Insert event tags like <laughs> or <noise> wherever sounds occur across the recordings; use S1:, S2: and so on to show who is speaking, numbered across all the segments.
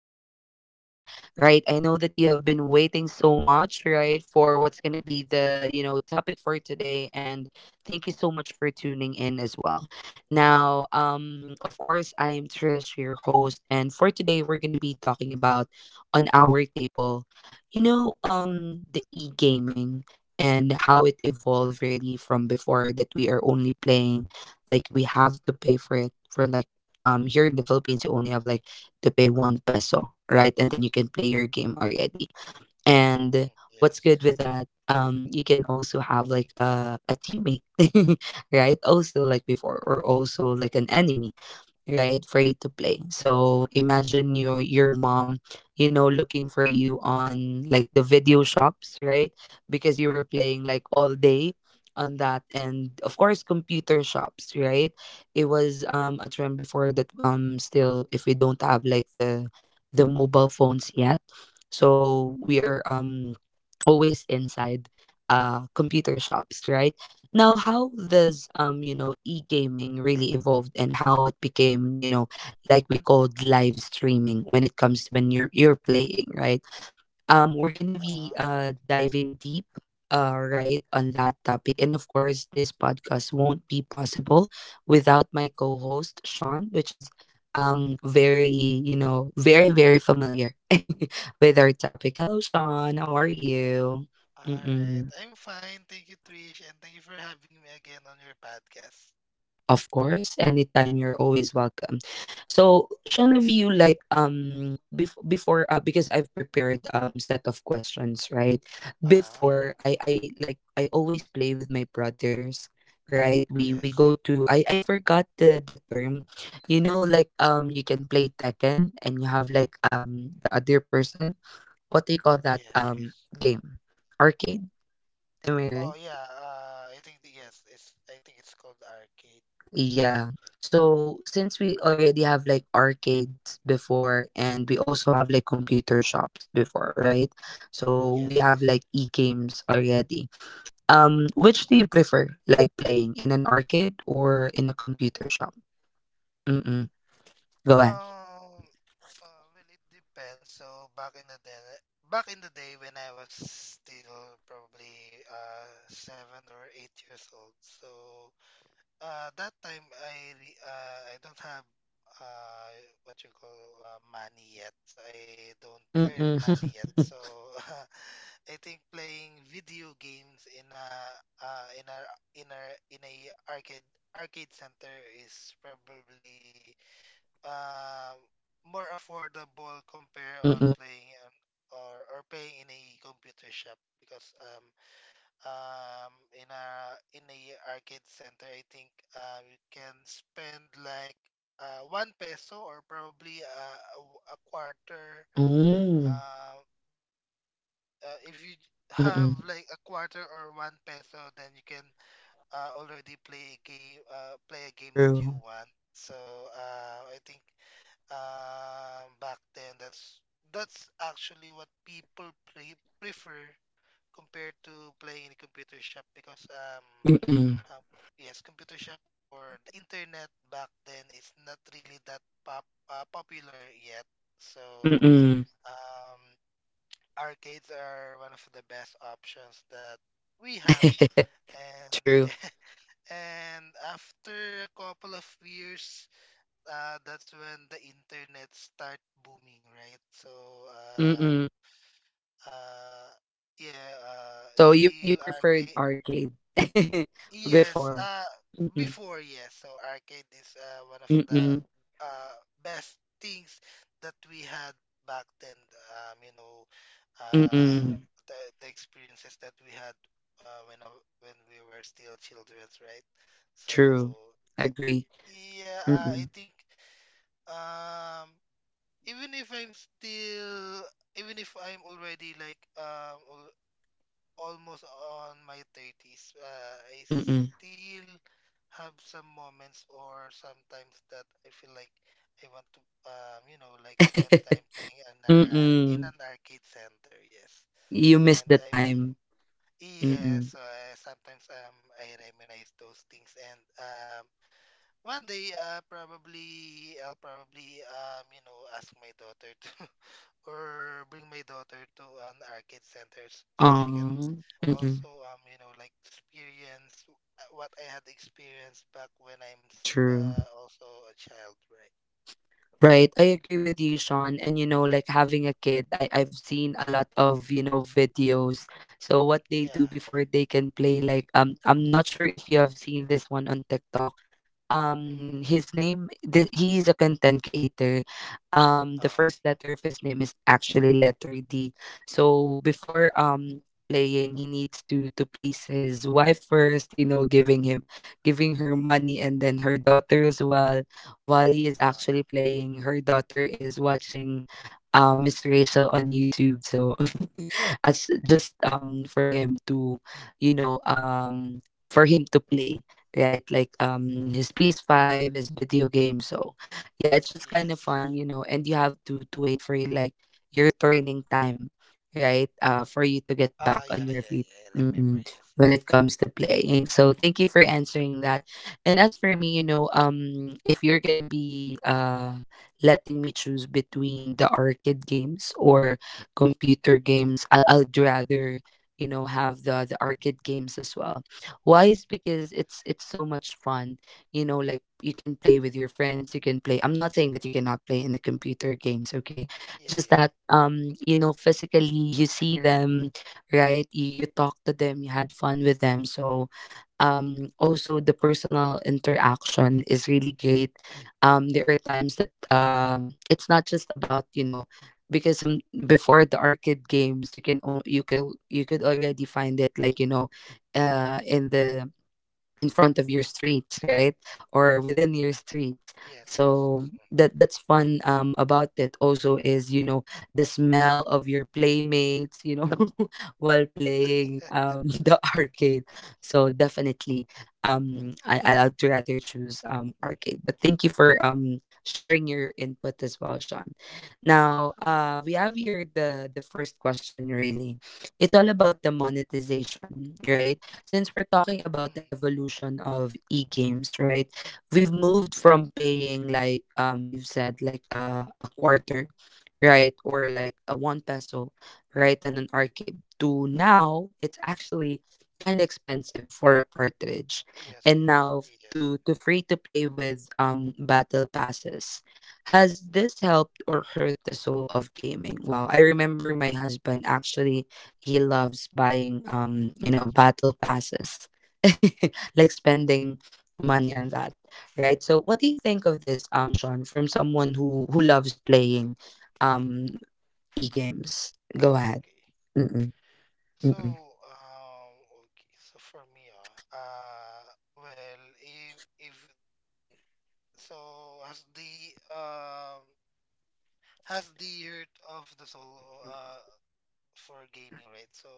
S1: podcast for today. Right, I know that you have been waiting so much, right, for what's gonna be the topic for today, and thank you so much for tuning in as well. Now, of course, I am Trish, your host, and for today we're gonna be talking about on our table, the e-gaming and how it evolved really from before that we are only playing like we have to pay for it for like here in the Philippines you only have like to pay one peso, right? And then you can play your game already. And what's
S2: Yes.
S1: good with that? You can also have like a teammate, <laughs> right? Also like before, or also like an enemy right for you to play. So imagine your mom, you know, looking for you on like the video shops, right, because you were playing like all day on that. And of course computer shops, right, it was a trend before. That still if we don't have like the mobile phones yet, so we are always inside computer shops, right. Now, how this, e-gaming really evolved and how it became, you know, like we called live streaming when it comes when you're playing, right? We're gonna
S2: Uh,
S1: be diving deep right on that topic. And of course, this podcast won't be possible without my co-host Sean, which is very, you know, very familiar <laughs> with our topic. Hello, Sean. How are you?
S2: all right.
S1: Mm-mm.
S2: I'm fine. Thank you, Trish, and thank you for having me again on your podcast.
S1: Of course, anytime you're always welcome. So, Sean, of you like before because I've prepared set of questions, right?
S2: Uh,
S1: Before I like I always play with my brothers, right? We
S2: yes.
S1: go to I forgot the term. You know like you can play Tekken and you have like the other person. What do you call that
S2: Yes. Yes.
S1: game? Arcade? Am I
S2: Oh
S1: right?
S2: yeah, I think yes, it's I think it's called arcade.
S1: Yeah. So since we already have like arcades before and we also have like computer shops before, right? So we
S2: Yes,
S1: have like
S2: yes.
S1: e-games already. Which do you prefer like playing in an arcade or in a computer shop? Mm-mm. Go ahead.
S2: Um well, it depends. So, back in the day back in the day when I was still probably 7 or 8 years old. So that time I don't have uh what you call money yet. So I don't earn
S1: Mm-mm.
S2: money yet. So, <laughs> I think playing video games in a in a in a in a arcade arcade center is probably uh more affordable, compare
S1: <laughs>
S2: on
S1: Mm-mm.
S2: playing on or paying in a computer shop, because um in a in a arcade center. I think you can spend like 1 peso, or probably a quarter.
S1: Mm.
S2: uh, if you <laughs> have
S1: Mm-mm.
S2: like a quarter or 1 peso, then you can already play a game that you
S1: True.
S2: want. So I think, back then, that's actually what people prefer compared to playing in a computer shop, because
S1: Mm-mm.
S2: um, yes, computer shop or the internet back then is not really that pop popular yet. So,
S1: Mm-mm.
S2: um, arcades are one of the best options that we have.
S1: <laughs>
S2: And <laughs>
S1: True.
S2: yeah, and after a couple of years, that's when the internet start booming, right? So,
S1: Mm-mm.
S2: uh, yeah,
S1: So you
S2: still
S1: preferred
S2: arcade.
S1: arcade <laughs>
S2: Yes,
S1: before.
S2: before, yes. So arcade is one of the
S1: Mm-mm,
S2: best things that we had back then. Um, you know, uh,
S1: mm-mm,
S2: the experiences that we had, uh, when I, when we were still children, right? So
S1: true.
S2: it,
S1: Agree.
S2: yeah, I
S1: Mm-mm,
S2: think, um, even if I'm still, even if I'm already like almost on my 30s, I
S1: mm-mm.
S2: still have some moments, or sometimes that I feel like I want to, like spend time playing
S1: <laughs>
S2: in
S1: Mm-mm.
S2: an arcade center. Yes,
S1: You miss
S2: and
S1: the
S2: I want.
S1: time. Mm-mm.
S2: Yes, sometimes I reminisce those things, and one day, probably I'll probably ask my daughter to <laughs> or bring my daughter to an arcade centers so she can
S1: Aw. Mm-mm.
S2: also like experience what I had experienced back when I'm
S1: True.
S2: also a child, right?
S1: Right. I agree with you, Sean. And you know, like having a kid, I've seen a lot of, you know, videos. So what they
S2: Yeah.
S1: do before they can play, like I'm not sure if you have seen this one on TikTok.
S2: Mm-hmm.
S1: His name he is a content creator. The
S2: Uh,
S1: first letter of his name is actually letter D. So before playing he needs to please his wife first, you know, giving him, giving her money, and then her daughter as well. While he is actually
S2: uh,
S1: playing, her daughter is watching Miss Rachel on YouTube. So <laughs> as just for him to, you know, for him to play, right, like his PS5, his video game. So yeah, it's just kind of
S2: yes,
S1: fun,
S2: yes.
S1: you know, and you have to wait for your, like, your training time, right, for you to get back
S2: Ah,
S1: on
S2: yeah,
S1: your
S2: yeah,
S1: feet.
S2: yeah. I remember.
S1: Mm-mm.
S2: Yes,
S1: When
S2: yes.
S1: it comes to playing, so thank you for answering that. And as for me, you know, if you're gonna be letting me choose between the arcade games or computer games, I'd rather, you know, have the arcade games as well. Why is because it's so much fun. You know, like you can play with your friends, you can play. I'm not saying that you cannot play in the computer games, okay?
S2: Yeah,
S1: Just
S2: yeah.
S1: that, you know, physically you see them, right? You talk to them, you had fun with them. So also the personal interaction is really great. There are times that it's not just about, you know, because some, before the arcade games, you can own you could already find it like, you know, in the, in front of your street, right, or within your street.
S2: Yes, yes,
S1: So
S2: yes. Mm.
S1: that that's fun about it. Also, is, you know, the smell of your playmates, you know, <laughs> while playing <laughs> the arcade. So definitely, I'd rather choose arcade. But thank you for sharing your input as well, Sean. Now, we have here the first question. Really, it's all about the monetization, right? Since we're talking
S2: <laughs> Mhm.
S1: about the evolution of e-games, right? We've moved from paying, like you've said, like a quarter, right, or like a 1 peso, right, and an arcade, to now it's actually kind of expensive for a cartridge.
S2: Yes,
S1: And
S2: yes,
S1: now
S2: yes.
S1: to free to play with battle passes. Has this helped or hurt the soul of gaming? Wow, I remember my husband actually, he loves buying you know, battle passes, <laughs> like spending money on that, right? So what do you think of this, Sean, from someone who loves playing um e-games? Go ahead.
S2: Okay.
S1: Mm-mm,
S2: So,
S1: mm-mm,
S2: okay, so for me, well, if so, has the hurt of the soul uh for gaming, right? So,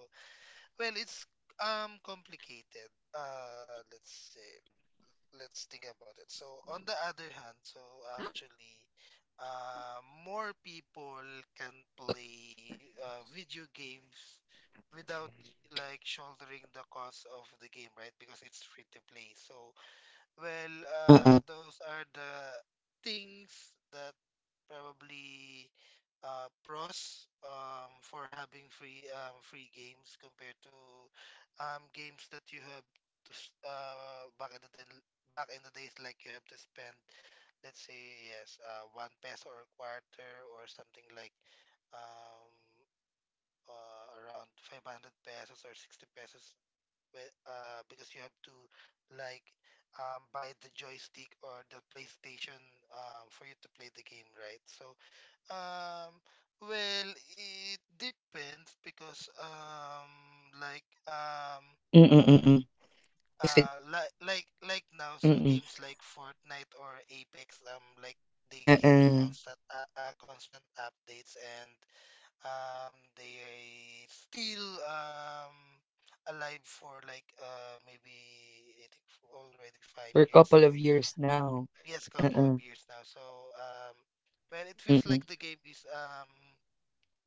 S2: well, it's complicated. Let's say. Let's think about it. So, on the other hand, actually, more people can play video games, without like shouldering the cost of the game, right? Because it's free to play. So, well,
S1: uh-uh,
S2: those are the things that probably, pros, for having free games, compared to games that you have to back in the days like you have to spend, let's say, yes, 1 peso or quarter or something like, um, around 500 pesos or 60 pesos, because you have to like, buy the joystick or the PlayStation, for you to play the game, right? So, um, well, it depends because, like,
S1: mm-mm, mm-mm. If it
S2: like now, so
S1: mm-mm,
S2: games like Fortnite or Apex, like, they get
S1: uh-uh.
S2: constant, constant updates, and they still, um alive for like, maybe I think already five
S1: For a
S2: years
S1: couple of
S2: so
S1: years now.
S2: yes, couple of
S1: Uh-uh,
S2: years now. So, um well, it feels
S1: mm-mm,
S2: like the game is,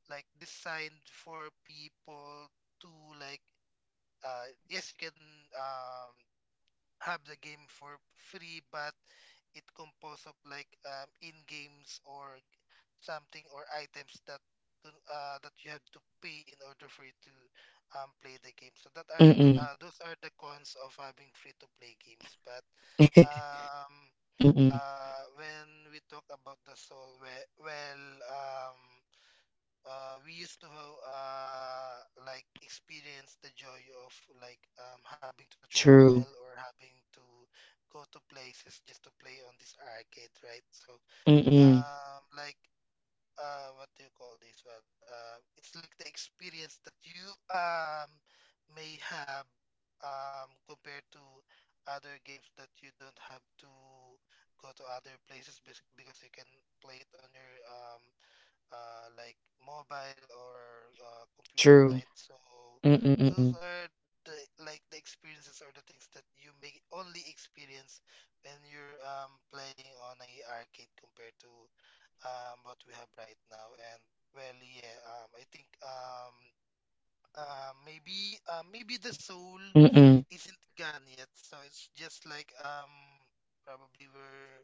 S2: like designed for people to, like, yes, you can um have the game for free, but it composed of like, in games or something, or items that, that you have to pay in order for you to, play the game. So, that are
S1: mm-mm,
S2: those are the cons of having free to play games. But,
S1: <laughs>
S2: um
S1: mm-mm,
S2: when we talk about the soul, well, um we used to, uh, like, experience the joy of like, having to travel
S1: true.
S2: or having to go to places just to play on this arcade, right? So,
S1: Mm-mm,
S2: like, what do you call this one? It's like the experience that you um may have, compared to other games that you don't have to go to other places, because you can play it on your, like, mobile or computer,
S1: true.
S2: right? So
S1: Mm-mm,
S2: those
S1: mm-mm,
S2: are the like the experiences, or the things that you may only experience when you're, playing on a arcade compared to, what we have right now. And well, yeah, I think, maybe the soul
S1: mm-mm,
S2: isn't gone yet. So it's just like, probably we're,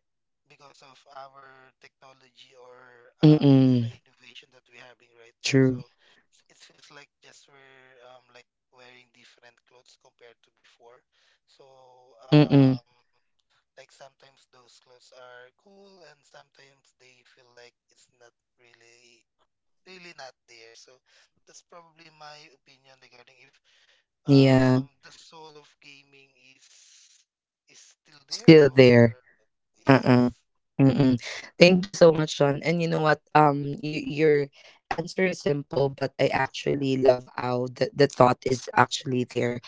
S2: because of our technology or, the
S1: mm-mm,
S2: innovation that we're having right now. So
S1: true.
S2: it feels like just we're, like, wearing different clothes compared to before. So,
S1: Mm-mm.
S2: um like, sometimes those clothes are cool and sometimes they feel like it's not really not there. So that's probably my opinion regarding if
S1: Yeah,
S2: the soul of gaming is still there
S1: still there.
S2: or yes,
S1: Uh-uh. Mm-mm. Thank you so much, John. And you know what? You, your answer is simple, but I actually love how the thought is actually there.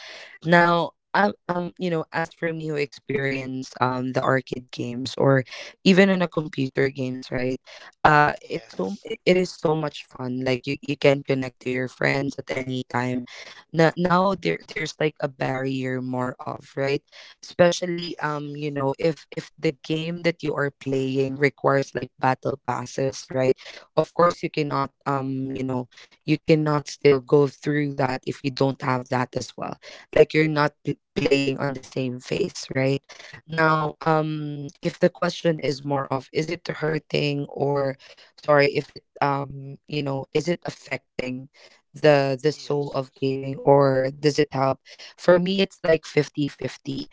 S1: Now, you know, as for me who experience the arcade games or even in a computer games, right? It's so
S2: yes,
S1: it is so much fun. Like you can connect to your friends at any time. Now, there there's like a barrier more of, right, especially
S2: yes,
S1: you
S2: yes,
S1: know, if the game that you are playing requires like battle passes, right, of course you cannot, you know, you cannot still go through that if you don't have that as well. Like you're not playing on the same phase, right. Now if the question is more of is it hurting or, sorry, if it, you know, is it affecting the soul
S2: yes,
S1: of gaming or does it help, for me it's like 50-50.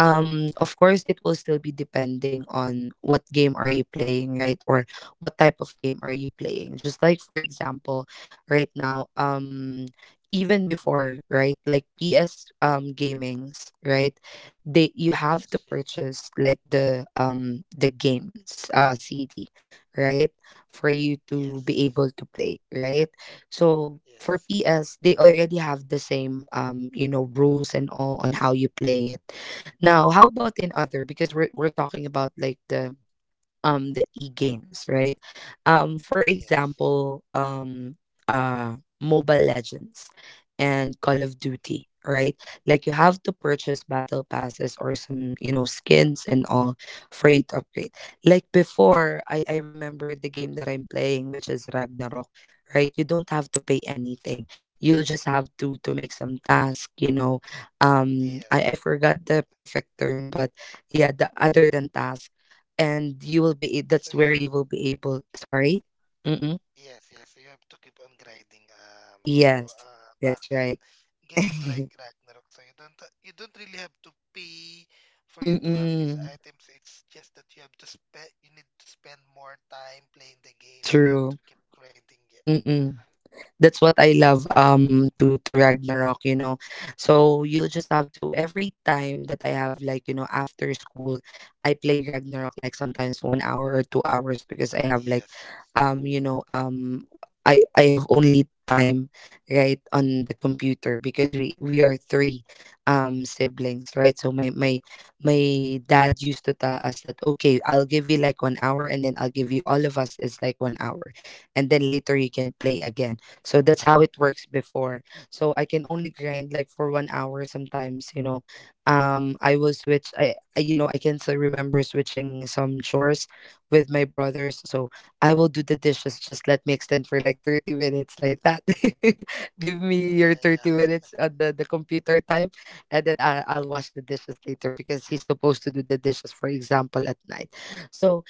S1: Of course it will still be depending on what game are you playing, right, or what type of game are you playing. Just like for example, right now even before, right, like ps gamings, right, they you have to
S2: yes, yes,
S1: purchase like the games cd, right, for you to
S2: yes,
S1: be
S2: yes,
S1: able to play, right. So
S2: yes,
S1: for
S2: yes,
S1: ps they already have the same, you know, rules and all on how you play it. Now, how about in other? Because we're talking about like the e-games, right? For
S2: yes,
S1: example, uh Mobile Legends and Call of Duty, right? Like you have to purchase battle passes or some, you know, skins and all, for you to upgrade. Like before, I remember the game that I'm playing, which is Ragnarok, right? You don't have to pay anything. You'll just have to make some task, you know.
S2: yeah.
S1: I forgot the perfect term, but yeah, the other than task and you will be,
S2: So
S1: that's
S2: you.
S1: where you will be able, sorry. Mm-mm.
S2: Yes, yes, you have to keep on grinding. So,
S1: Yes,
S2: back
S1: that's
S2: then,
S1: right.
S2: games
S1: <laughs>
S2: like Ragnarok, so you don't really have to pay for you to have these
S1: Mm-mm.
S2: items. It's just that you need to spend more time playing the game. You have
S1: True.
S2: to keep grinding. Yeah.
S1: Mm-mm. That's what I love to Ragnarok, you know. So you'll just have to, every time that I have like, you know, after school, I play Ragnarok like sometimes 1 hour or 2 hours because I have like
S2: Yes, yes.
S1: you know, I have only time, right, on the computer because we are three siblings, right. So my dad used to tell us that okay, I'll give you like 1 hour, and then I'll give you all of us is like 1 hour, and then later you can play again. So that's how it works before. So I can only grind like for 1 hour sometimes, you know. I will switch, I you know, I can still remember switching some chores with my brothers. So I will do the dishes, just let me extend for like 30 minutes like that. <laughs> Give me your
S2: Yeah,
S1: 30
S2: yeah, <laughs>
S1: minutes at the computer time, and then I'll wash the dishes later because he's supposed to do the dishes, for example, at night. So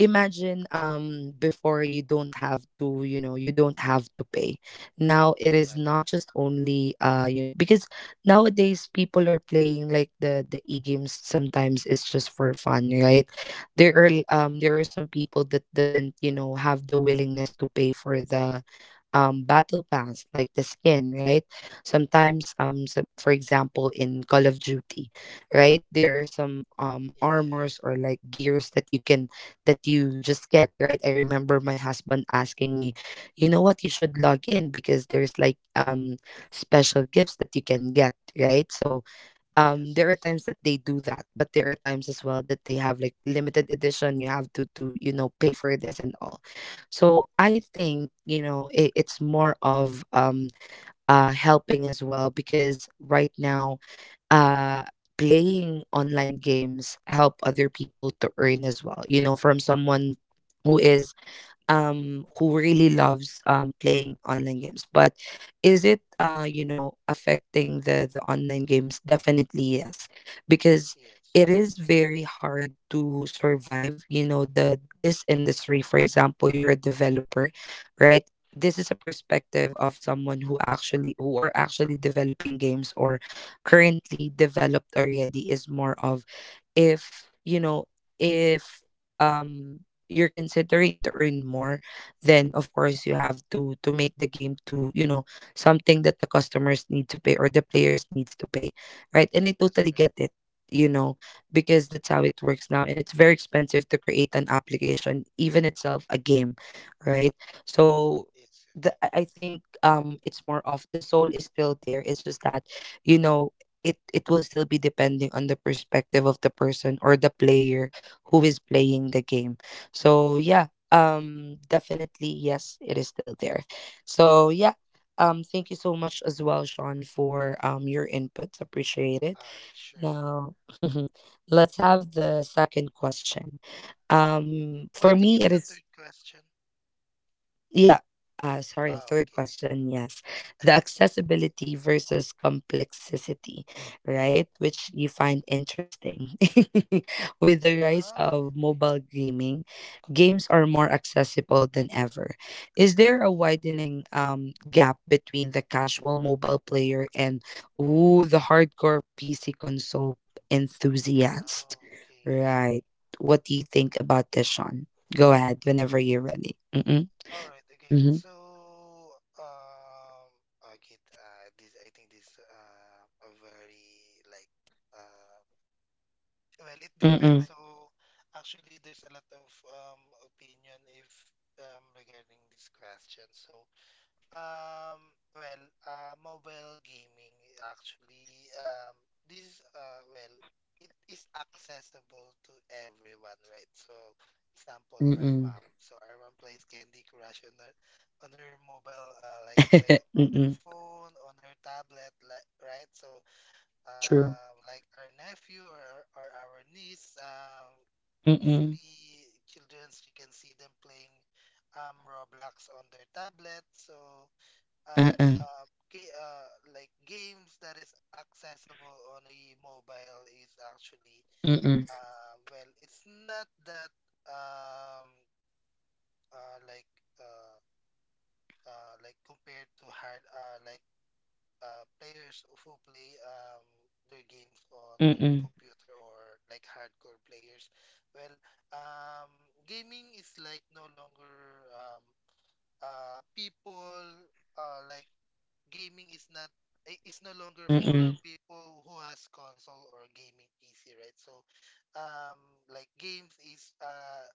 S1: imagine before you don't have to you don't have to pay now. It
S2: yeah,
S1: is not just only because nowadays people are playing like the e-games. Sometimes it's just for fun, right? There are there are some people that doesn't you know have the willingness to pay for the battle pass like the skin, right? Sometimes so, for example, in Call of Duty, right, there are some
S2: yeah, yeah, yeah.
S1: armors
S2: Yeah.
S1: or like gears that you can that you just get. Right, I remember my husband asking me, you know what, you should log in because there's like special gifts that you can get, right? So
S2: Yes,
S1: there are
S2: yes,
S1: times that they do that, but there are times as well that they have like limited edition. You have to you know pay for this and all. So I think you know it's more of helping as well, because right now uh playing online games help other people to earn as well. You know, from someone who is who really loves playing online games. But is it affecting the online games? Definitely yes, because
S2: yes.
S1: it is very hard to survive you know the this industry. For example, you're a developer, right? This is a perspective of someone who actually who are actually developing games or currently developed already. Is more of, if you know if um you're considering to earn more, then of
S2: Uh,
S1: course you have to make the game to you know something that the customers need to pay or the players needs to pay, right? And I
S2: that's
S1: totally
S2: right.
S1: get it, you know, because that's how it works now, and it's very expensive to create an application, even itself a game, right? So
S2: Yes. Yeah.
S1: the, I think it's more of the soul is still there. It's just that, you know, it will still be depending on the perspective of the person or the player who is playing the game. So yeah, definitely yes, it is still there. So yeah, thank you so much as well, Sean, for your inputs. Appreciate it.
S2: All right, sure about.
S1: Now <laughs> let's have the second question.
S2: Oh, I
S1: For
S2: think
S1: me
S2: it's
S1: it
S2: the third
S1: is
S2: question.
S1: yeah. Sorry,
S2: Oh,
S1: third
S2: okay.
S1: question. Yes. The accessibility versus complexity, right? Which you find interesting. <laughs> With the rise
S2: Oh,
S1: of
S2: okay.
S1: mobile gaming, games are more accessible than ever. Is there a widening gap between the casual mobile player and, ooh, the hardcore PC console enthusiast?
S2: Oh, okay.
S1: Right. What do you think about this, Sean? Go ahead whenever you're ready. Mm-mm.
S2: All right, okay.
S1: Mm-hmm.
S2: So, um, okay, this I think this, a very, like, uh well, it depends.
S1: Mm-mm.
S2: So, actually, there's a lot of opinion, if regarding this question. So, well, mobile gaming, actually, well, it is accessible to everyone, right? So, example, our
S1: Mm-mm.
S2: mom. So, our mom plays Candy Crush on her mobile, like
S1: <laughs>
S2: on her
S1: Mm-mm.
S2: phone, on her tablet, like, right? So,
S1: True.
S2: like, our nephew or our niece,
S1: Mm-mm.
S2: usually childrens you can see them playing, Roblox, on their tablet. So, um,
S1: Uh-uh.
S2: uh, like, games that is accessible on a mobile is actually,
S1: Mm-mm.
S2: well, it's not that, um, uh, like uh, like, compared to hard like, players who play, their games on their
S1: Mm-mm.
S2: computer, or like hardcore players. Well, um, gaming is like no longer, um, people like, gaming is not I- is no longer for
S1: Mm-mm.
S2: people who has console or gaming PC, right? So, um, like, games is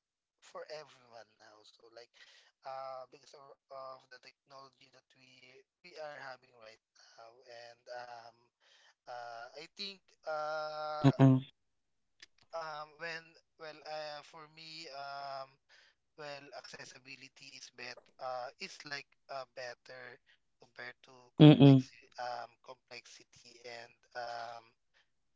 S2: for everyone now. So, like, because of the technology that we are having right now, and, I think,
S1: Uh-uh.
S2: when well for me, well, accessibility is bet is like, better compared to
S1: Mm-mm.
S2: complexity. Complexity and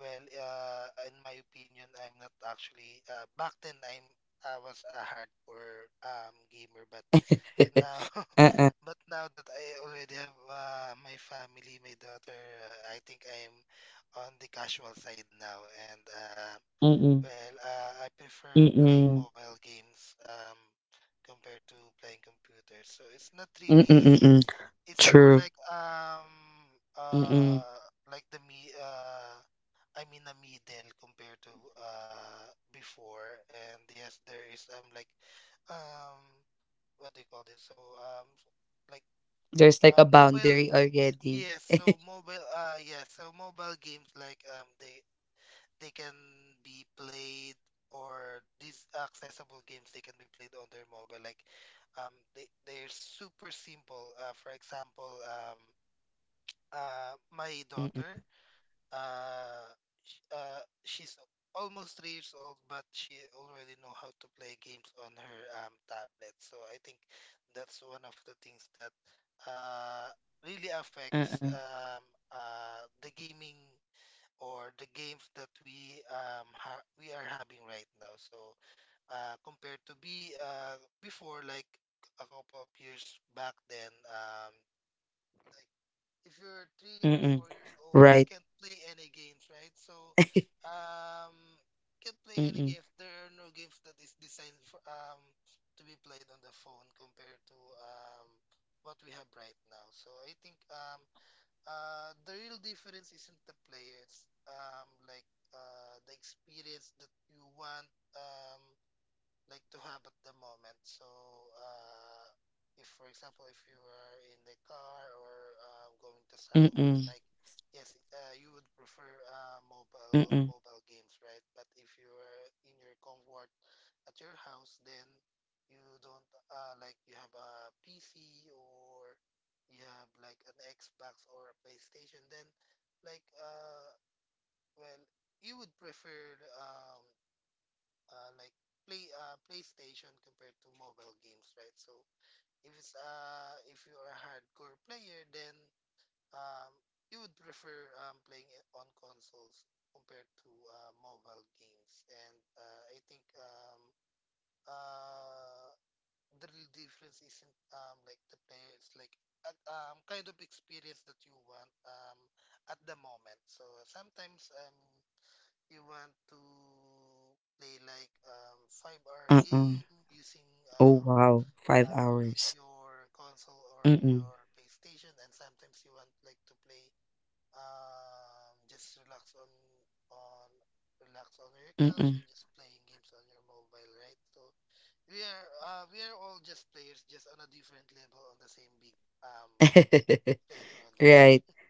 S2: Well, in my opinion, I'm not actually, back then, I was a hardcore, gamer, but
S1: <laughs>
S2: now
S1: Uh-uh.
S2: <laughs> but now that I already have, my family, my daughter, I think I'm on the casual side now, and
S1: Mm-mm.
S2: well, I prefer playing
S1: Mm-mm.
S2: mobile games, compared to playing computers. So it's not
S1: Mm-mm.
S2: really,
S1: Mm-mm.
S2: it's more
S1: True.
S2: like,
S1: Mm-mm.
S2: uh like, the me I'm in a middle compared to, before. And yes, there is, like, um what do you call this? So, like,
S1: There's like a
S2: mobile
S1: boundary already.
S2: yes,
S1: <laughs>
S2: so mobile yes, so mobile games, like, they can be played, or these accessible games they can be played on their mobile, like, they're super simple. For example, my daughter,
S1: Mm-mm.
S2: uh, she's almost 3 years old, but she already know how to play games on her, tablet. So I think that's one of the things that uh really affects,
S1: Uh-uh.
S2: the gaming, or the games that we are having right now. So, compared to, be before, like a couple of years back then, like, if you're three or
S1: Mm-mm.
S2: four years old, you
S1: Right.
S2: can't play any games, right? So,
S1: <laughs>
S2: um can't play any
S1: Mm-mm.
S2: games. There are no games that is designed for, to be played on the phone, compared to what we have right now. So I think, the real difference isn't the play. It's, like, the experience that you want. Um, like to have at the moment. So, uh, if for example, if you are in the car or going to somewhere,
S1: Mm-mm.
S2: like yes, you would prefer uh, mobile
S1: Mm-mm.
S2: mobile games, right? But if you are in your comfort at your house, then you don't like you have a PC or you have like an Xbox or a PlayStation, then like uh, well, you would prefer uh, like play PlayStation compared to mobile games, right? So if it's if you are a hardcore player, then um you would prefer playing it on consoles compared to mobile games, and I think uh the real difference isn't the player, it's like kind of experience that you want at the moment. So sometimes you want to play like 5 hour
S1: Uh-uh.
S2: game using
S1: Oh
S2: um,
S1: wow. Five
S2: um, like
S1: hours.
S2: your console or
S1: Mm-mm.
S2: your PlayStation, and sometimes you want like to play just on relax on your couch and
S1: Mm-mm.
S2: just playing games on your mobile, right? So we are all just players, just on a different level on the same big
S1: <laughs>
S2: playground, right?
S1: Right.
S2: <laughs>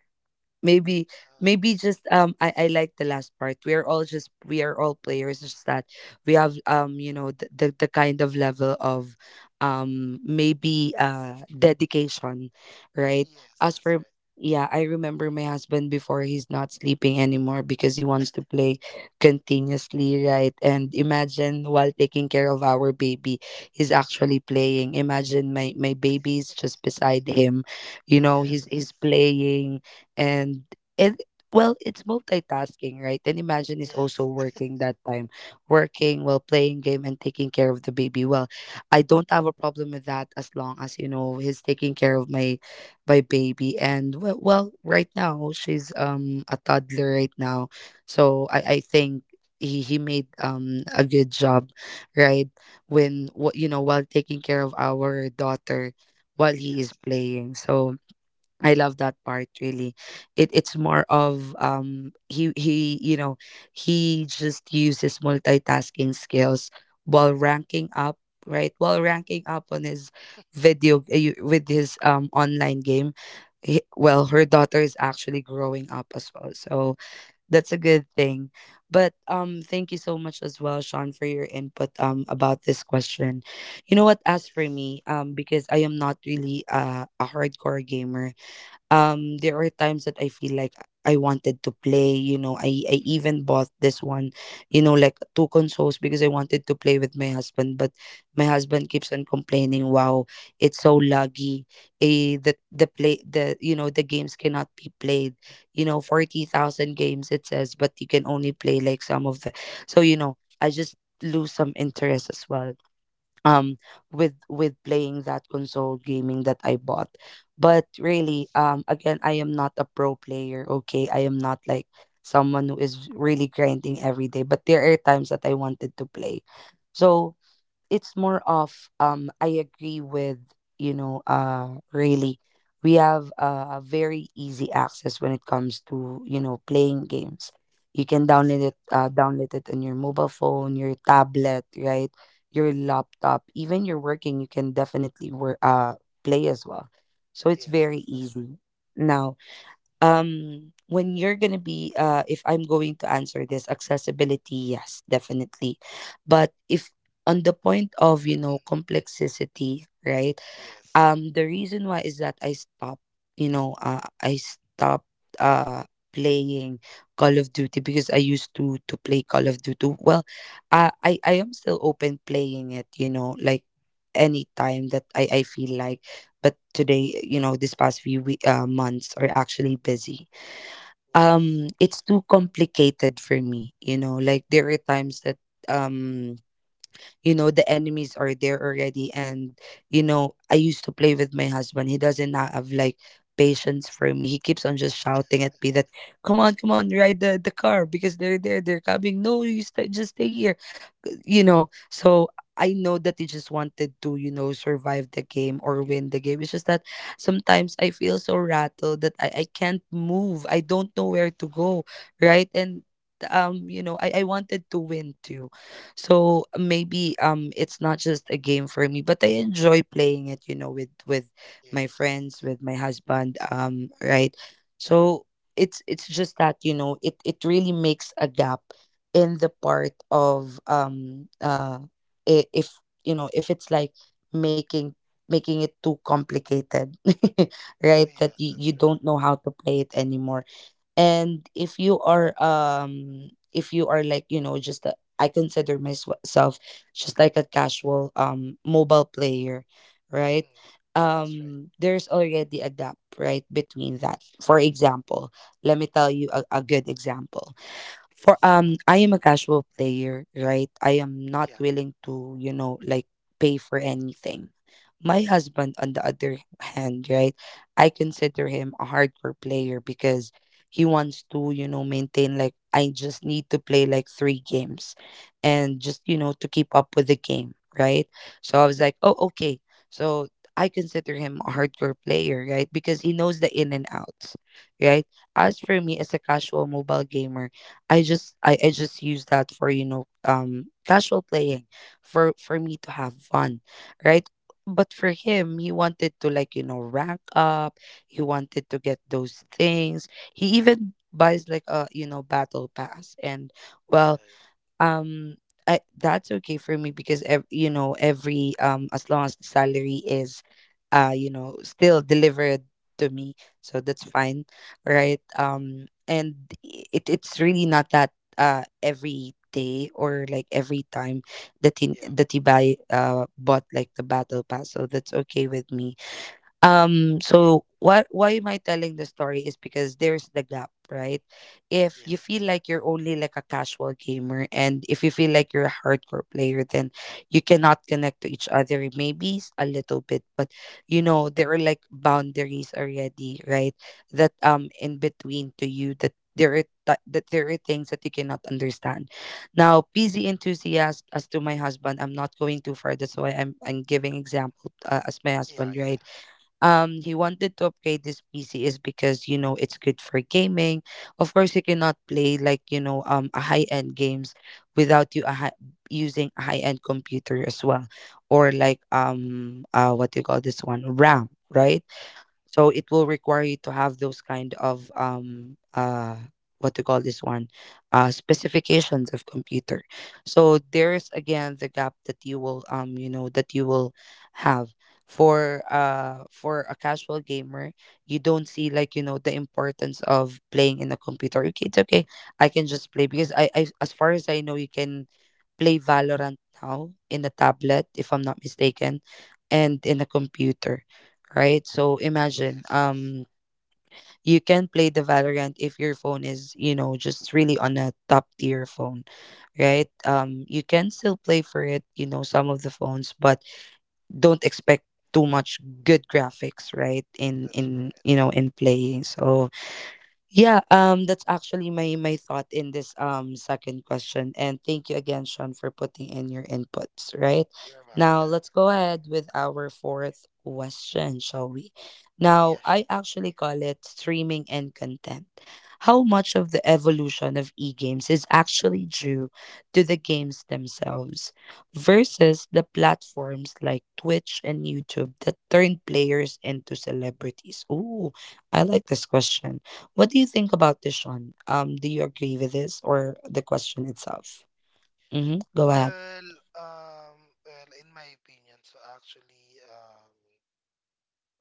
S1: Maybe,
S2: So
S1: maybe just I like the last part. We are all just we are all players. It's just that we have you know the kind of level of maybe dedication, right?
S2: yes,
S1: As
S2: that's
S1: for
S2: right.
S1: yeah, I remember my husband before. He's not sleeping anymore because he wants to play continuously, right? And imagine while taking care of our baby, he's actually playing. Imagine my baby's just beside him, you know. he's
S2: Yes,
S1: he's
S2: yes,
S1: playing and it, well, it's multitasking, right? And imagine is also
S2: yes,
S1: working that time, working while playing game and taking care of the baby. Well, I don't have a problem with that, as long as you know he's taking care of my my baby. And well, well right now she's a toddler right now. So I think he made a good job, right? When you know while taking care of our daughter
S2: <laughs>
S1: while he is
S2: yes, yes.
S1: playing. So I love that part, really. It it's more of he you know he just uses multitasking skills while ranking up, right? While ranking up on his video with his online game. He, well, her daughter is actually growing up as well, so that's a good thing. But thank you so much as well, Sean, for your input about this question. You know what? As for
S2: Yes.
S1: me, because I am not really a hardcore gamer, there are times that I feel like I wanted to play, you know. I
S2: Mm.
S1: even bought this one, you know, like two consoles because I wanted to play with my husband, but my husband keeps on complaining, "Wow, it's so laggy. Eh, the you know, the games cannot be played. You know, 40,000 games it says, but you can only play like some of the. So, you know, I just lose some interest as well um with playing that console gaming that I bought. But really,
S2: Yes.
S1: again, I am not a pro player, okay? I am not like someone who is really grinding every day, but there are times that I wanted to play. So it's more of I agree with you know really we have a very easy access when it comes to you know playing games. You can
S2: That's right.
S1: download it on your mobile phone, your tablet, right? Your laptop, even you're working, you can definitely work play as well. So it's
S2: Yes,
S1: very
S2: yes, that's right.
S1: easy now. When you're gonna be if I'm going to answer this, accessibility, yes, definitely. But if on the point of you know complexity, right,
S2: Yes.
S1: the reason why is that I stopped you know I stopped uh playing Call of Duty, because I used to play Call of Duty. Well, I am still open playing it, you know, like anytime that I feel like. But today, you know, this past few week, months are actually busy.
S2: Yes.
S1: It's too complicated for me, you know, like there are times that um you know the enemies are there already. And you know I used to play with my husband. He doesn't have like patience for me. He keeps on just shouting at me that come on, come on, ride the car, because they're there, they're coming, no, you just stay here, you know. So I know that they just wanted to, you know, survive the game or win the game. It's just that sometimes I feel so rattled that I can't move. I don't know where to go, right? And you know, I wanted to win too. So maybe it's not just a game for me, but I enjoy playing it, you know, with my
S2: Yes, yes.
S1: friends, with my husband, right? So it's just that, you know, it really makes a gap in the part of if you know if it's like making making it too complicated. <laughs> Right, that
S2: Yeah,
S1: you
S2: that's right.
S1: don't know how to play it anymore. And if you are like you know just I consider myself just like a casual mobile player, right?
S2: Mm. That's right.
S1: There's already a gap, right, between that. For example, let me tell you a good example for
S2: Yes.
S1: I am a casual player, right? I am not
S2: Yeah.
S1: willing to, you know, like pay for anything. My husband on the other hand, right? I consider him a hardcore player, because he wants to, you know, maintain like I just need to play like 3 games and just, you know, to keep up with the game, right? So I was like, "Oh, okay." So I consider him a hardcore player, right? Because he knows the in and outs, right? As for me as a casual mobile gamer, I just I just use that for you know casual playing, for me to have fun, right? But for him, he wanted to like you know rank up. He wanted to get those things. He even buys like a battle pass and
S2: Yeah,
S1: well um that's okay for me because every as long as the salary is you know still delivered to me, so that's fine, right? And It's really not that every day or like every time that he
S2: yeah. Yeah.
S1: that he buy bought like the battle pass, so that's okay with me. Um so what why am I telling the story? Is because there's the gap, right? If you
S2: Yes,
S1: feel
S2: that's right.
S1: like you're only like a casual gamer and if you feel like you're a hardcore player, then you cannot connect to each other, maybe a little bit. But you know, there are like boundaries already, right? That in between to you, that there are things that you cannot understand. Now, PZ enthusiast as to my husband, I'm not going too far. That's why I'm giving example, as my
S2: Yeah,
S1: husband,
S2: yeah.
S1: right? He wanted to upgrade this PC, is because you know it's good for gaming. Of course, you cannot play like you know a high end games without using a high end computer as well, or like what do you call this one, RAM, right? So it will require you to have those kind of what to call this one, specifications of computer. So there's again the gap that you will you know, that you will have for a casual gamer. You don't see like you know the importance of playing in a computer. Okay, it's okay, I can just play because I, as far as I know, you can play Valorant now in a tablet, if I'm not mistaken, and in a computer, right? So imagine,
S2: Yes, yes.
S1: you can play the Valorant if your phone is, you know, just really on a top tier phone, right? You can still play for it, you know, some of the phones, but don't expect too much good graphics, right? In
S2: That's
S1: in
S2: right.
S1: you know, in playing. So yeah, that's actually my thought in this second question. And thank you again, Sean, for putting in your inputs, right?
S2: You're
S1: Now
S2: welcome.
S1: let's go ahead with our fourth question, shall we? Now,
S2: Yeah,
S1: I
S2: sure.
S1: actually call it streaming and content. How much of the evolution of e-games is actually due to the games themselves versus the platforms like Twitch and YouTube that turn players into celebrities? Ooh, I like this question. What do you think about this, Sean? Do you agree with this or the question itself? Mm-hmm. Go ahead.
S2: Well, um, well, in my opinion, so actually, um,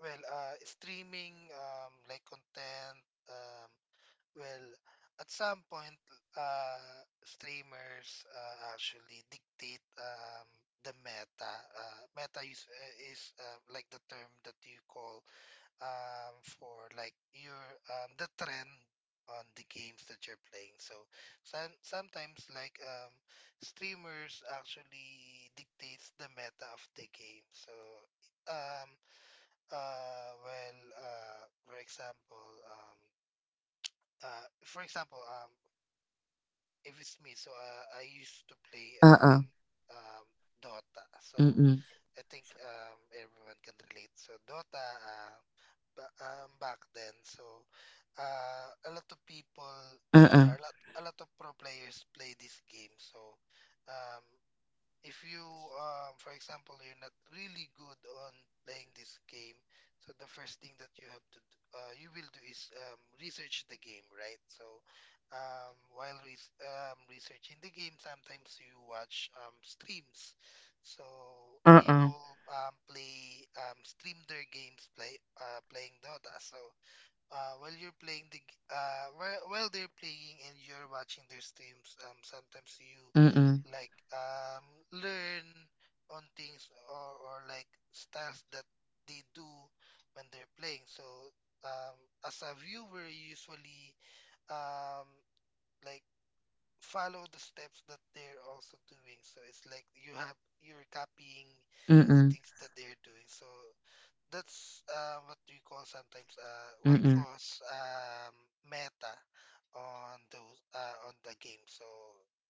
S2: well, uh, streaming, like content, um, Well, at some point, streamers actually dictate the meta. Meta is, like the term that you call for like your the trend on the games that you're playing. So sometimes like streamers actually dictates the meta of the game. So um, uh, well, uh, for example, um, for example, um, if it's me, so I used to play
S1: Uh-uh.
S2: um Dota. So
S1: Mm-mm.
S2: I think everyone can relate. So Dota back then, so a lot of people or
S1: Uh-uh.
S2: a lot of pro players play this game. So um if you for example you're not really good on playing this game so the first thing that you have to d- you will do is research the game, right? So while researching the game sometimes you watch streams so
S1: Uh-uh.
S2: people play stream their games playing Dota. So while they're playing and you're watching their streams, sometimes you
S1: Mm-mm.
S2: like um, learn on things or like styles that they do when they're playing. So um, as a viewer, you usually um, like follow the steps that they're also doing. So it's like you're copying the
S1: Mm-mm.
S2: things that they're doing. So that's what we call sometimes what
S1: Mm-mm.
S2: calls meta on those on the game. So,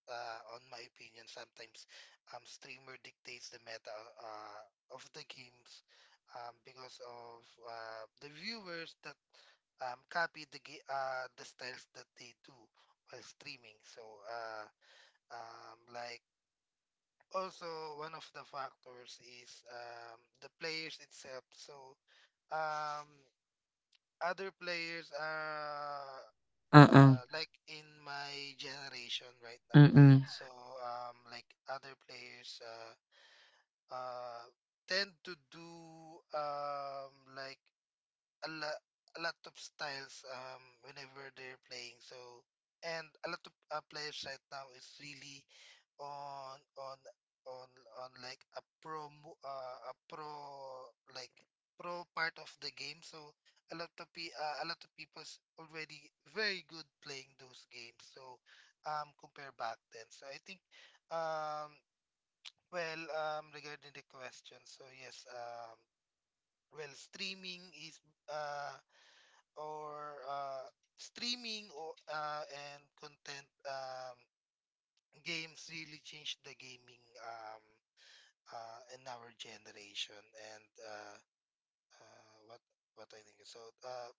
S2: on my opinion, sometimes streamer dictates the meta of the games because of the viewers that copy the styles that they do while streaming. So, like also one of the factors is the players itself. So. Um, Other players are
S1: Uh-uh.
S2: like in my generation right now.
S1: Mm-mm.
S2: So other players uh, tend to do like a lot a lot of styles whenever they're playing. So and a lot of players right now is really on on on on like a like pro part of the game so a lot of people's already very good playing those games so compare back then so I think um regarding the question so yes, streaming is uh or streaming or and content, games really changed the gaming, in our generation and uh, what what I think is, so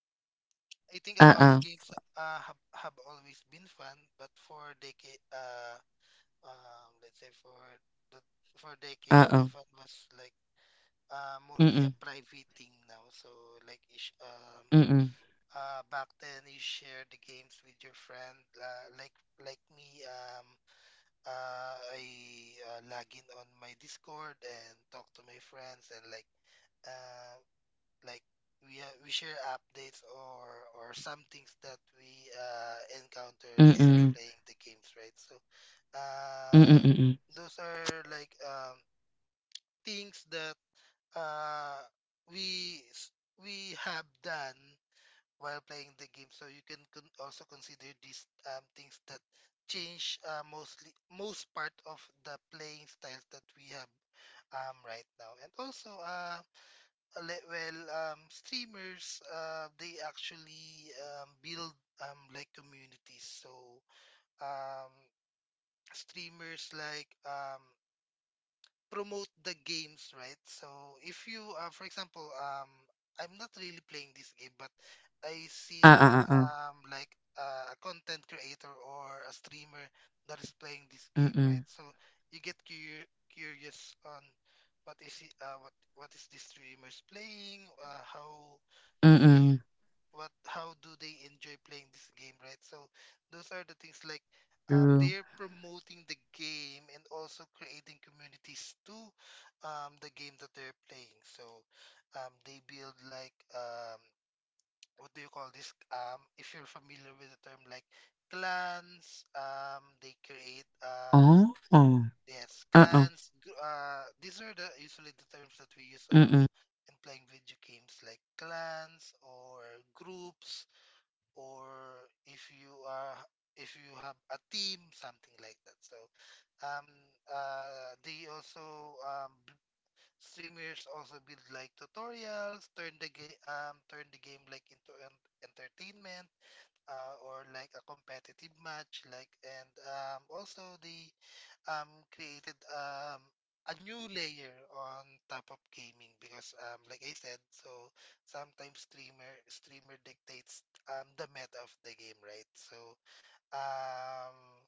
S2: I think about
S1: Uh-uh.
S2: games have always been fun but for decade let's say for the for decades the
S1: Uh-uh.
S2: fun was like mostly
S1: Mm-mm.
S2: a private thing now so like ish, um
S1: Mm-mm.
S2: back then you share the games with your friend, like me. I log in on my Discord and talk to my friends and uh, like we share updates or some things that we encounter while
S1: Mm-mm.
S2: playing the games, right? So uh
S1: Mm-mm. Mm-mm.
S2: those are like things that uh we we have done while playing the game. So you can also consider these things that change, most part of the playing styles that we have right now. And also well, streamers, they actually build like communities. So um, streamers promote the games, right? So if you, for example, I'm not really playing this game, but I seen
S1: Uh-uh. Uh-uh.
S2: um like a content creator or a streamer that is playing this game,
S1: Mm-mm.
S2: right? So you get curious on what is he, what is this streamers playing? How do you
S1: Mm-mm.
S2: what how do they enjoy playing this game, right? So those are the things like
S1: True.
S2: they're promoting the game and also creating communities to the game that they're playing. So they build like what do you call this? If you're familiar with the term like clans, they create
S1: Oh. Uh-uh.
S2: yes clans. These are the usually the terms that we use
S1: Mm-mm.
S2: in playing video games like clans or groups or if you are if you have a team something like that. So um they also streamers also build like tutorials, turn the game like into an entertainment, or like a competitive match like, and also they created a new layer on top of gaming because like I said, so sometimes streamer dictates the meta of the game, right? So um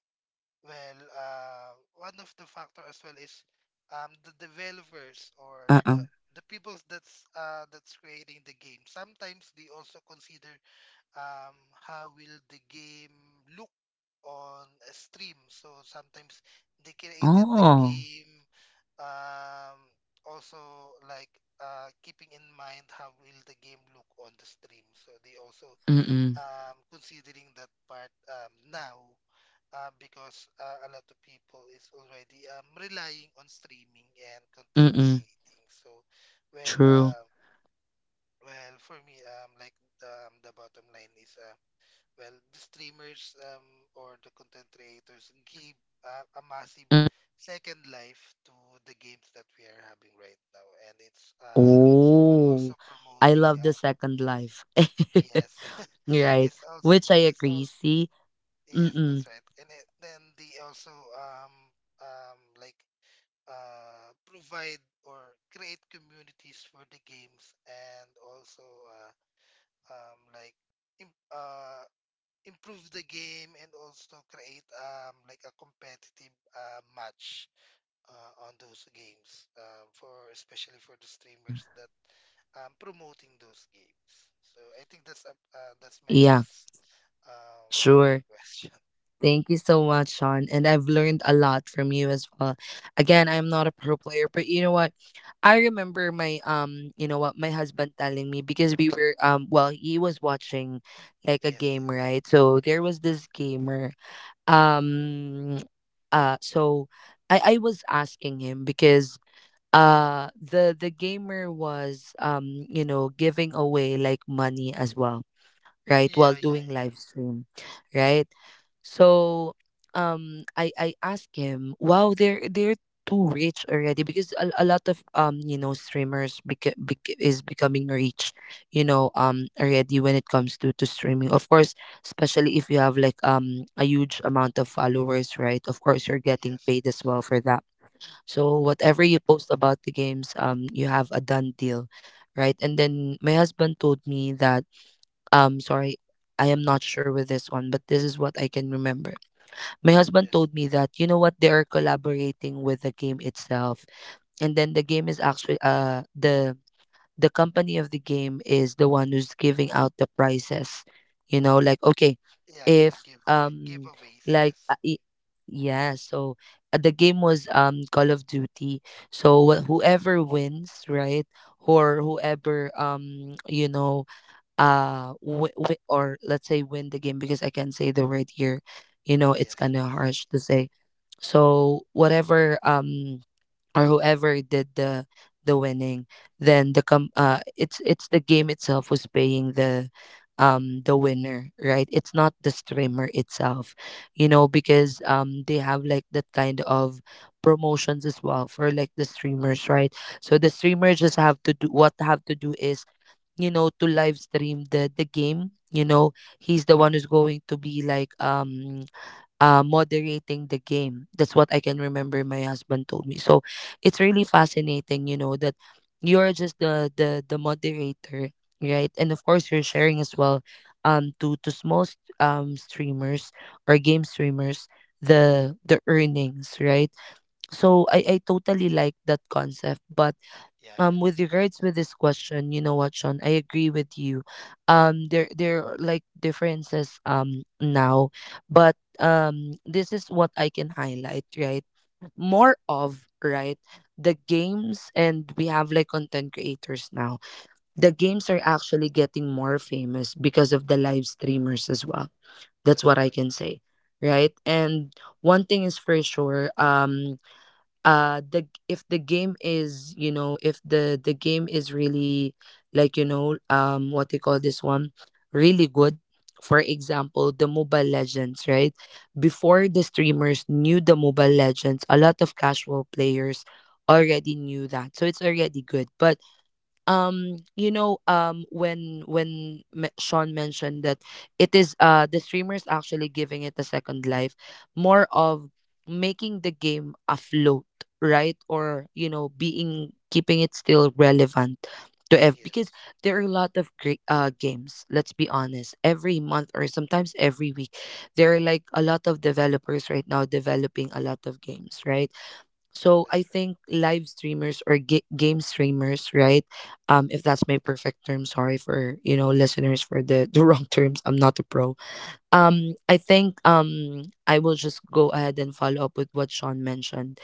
S2: well uh one of the factor as well is the developers or
S1: Uh-uh.
S2: the people that's creating the game. Sometimes they also consider how will the game look on a stream. So sometimes they created the
S1: Oh.
S2: game, um, also like keeping in mind how will the game look on the stream. So they also
S1: Mm-mm.
S2: considering that part now because a lot of people is already relying on streaming and content
S1: Mm-mm.
S2: creating. So well,
S1: True.
S2: uh, well for me the bottom line is well, the streamers or the content creators give a massive
S1: Mm-mm.
S2: second life to the games that we are having right now, and it's
S1: Oh,
S2: also
S1: I
S2: promoting.
S1: love the second life. <laughs>
S2: Yes, <laughs>
S1: Right.
S2: it's also
S1: Which I
S2: it's all
S1: agree. See?
S2: yes,
S1: Mm-mm.
S2: that's right. And then they also um like provide or create communities for the games and also uh, um like im- uh improve the game and also create like a competitive match on those games, for especially for the streamers that promoting those games. So I think that's a, that's my
S1: Yeah,
S2: piece on your
S1: sure.
S2: question. <laughs>
S1: Thank you so much, Sean. And I've learned a lot from you as well. Again, I'm not a pro player, but you know what? I remember my you know what, my husband telling me because we were, he was watching like a
S2: Yes,
S1: game,
S2: yes.
S1: right? So there was this gamer. Um so I was asking him because the gamer was you know giving away like money as well, right, while
S2: Yeah, yeah,
S1: doing live
S2: yeah.
S1: stream, right? So I asked him, wow, they're too rich already, because a lot of you know streamers is becoming rich, you know already when it comes to streaming, of course, especially if you have like a huge amount of followers, right? Of course, you're getting
S2: Yes,
S1: paid as
S2: yes.
S1: well for that. So whatever you post about the games, you have a done deal, right? And then my husband told me that, sorry, I am not sure with this one, but this is what I can remember. My husband
S2: Yes.
S1: told me that you know what, they are collaborating with the game itself, and then the game is actually the company of the game is the one who's giving out the prizes. You know, like okay,
S2: Yeah, yeah.
S1: if
S2: Giveaway, giveaways.
S1: like
S2: Yes.
S1: uh, y- yeah, so the game was Call of Duty. So whoever wins, right, or whoever you know or let's say win the game, because I can't say the word here. You know, it's
S2: Yes,
S1: kind of
S2: yes.
S1: harsh to say. So whatever or whoever did the winning, then it's the game itself was paying the winner, right? It's not the streamer itself. You know, because they have like that kind of promotions as well for like the streamers, right? So the streamers just
S2: Yes.
S1: have to do what they have to do, is you know to live stream the game. You know, he's the one who's going to be like moderating the game. That's what I can remember my husband told me. So it's really fascinating, you know, that you're just the moderator, right? And of course, you're
S2: Yes,
S1: sharing as
S2: yes.
S1: well to streamers or game streamers the earnings, right? So I totally like that concept. But
S2: Yeah, yeah.
S1: with regards with this question, you know what, Sean, I agree with you. Um, there are like differences now, but this is what I can highlight, right? More of, right, the games, and we have like content creators now. The games are actually getting more famous because of the live streamers as well. That's what
S2: That's
S1: I
S2: right.
S1: can say, right. And one thing is for sure, if the game is, you know, if the game is really like, you know, what they call this one, really good, for example, the Mobile Legends, right? Before the streamers knew the Mobile Legends, a lot of casual players already knew that, so it's already good. But you know, when Sean mentioned that it is the streamers actually giving it a second life, more of making the game afloat, right? Or, you know, being keeping it still relevant to ev, because
S2: Yes.
S1: there are a lot of great games, let's be honest. Every month or sometimes every week, there are like a lot of developers right now developing a lot of games, right? So I
S2: That's right.
S1: think live streamers or game streamers, right? If that's my perfect term, sorry for you know listeners for the <laughs> the wrong terms. I'm not a pro. I think I will just go ahead and follow up with what Sean mentioned.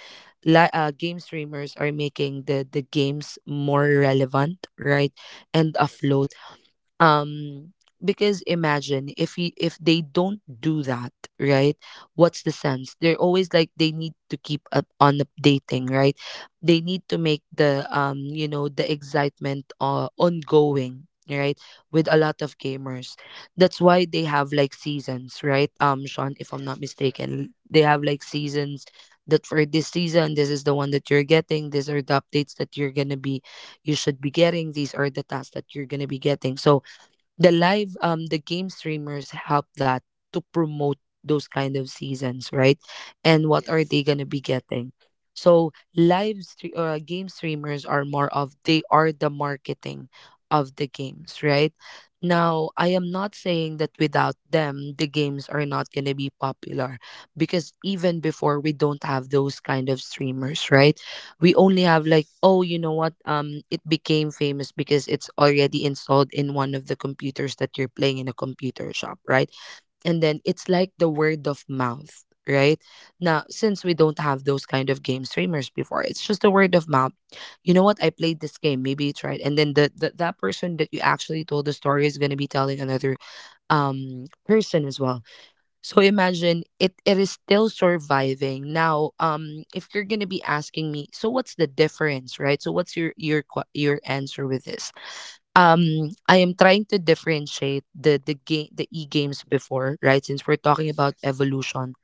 S1: Game streamers are making the games more relevant, right, and
S2: That's
S1: afloat,
S2: right.
S1: um because imagine if you, if they don't do that, right, what's the sense? They're always like, they need to keep up on updating, right? They need to make the you know, the excitement ongoing, right, with a lot of gamers. That's why they have like seasons, right? Um, Sean, if I'm
S2: Yes,
S1: not
S2: that's right.
S1: mistaken, they have like seasons, that for this season, this is the one that you're getting, these are the updates that you should be getting, these are the tasks that you're gonna be getting. So the live the game streamers help that to promote those kind of seasons, right? And what are they
S2: Yes,
S1: going to be getting? So game streamers are more of, they are the marketing of the games, right? Now, I am not saying that without them the games are not going to be popular, because even before, we don't have those kind of streamers, right? We only have like,
S2: yes,
S1: oh you know what, it became famous because it's already installed in one of the computers that you're playing in a computer shop, right? And then it's like the word of mouth, right? Now, since we don't have those kind of game streamers before, it's just the word of mouth. You know what, I played this game, maybe it's right, and then the that person that you actually told the story is going to be telling another person as well. So imagine, it is still surviving. Now, if you're going to be asking me, so what's the difference, right? So what's your your answer with this? Um, I am trying to differentiate the e-games before, right? Since we're talking
S2: yes,
S1: about
S2: yes.
S1: evolution.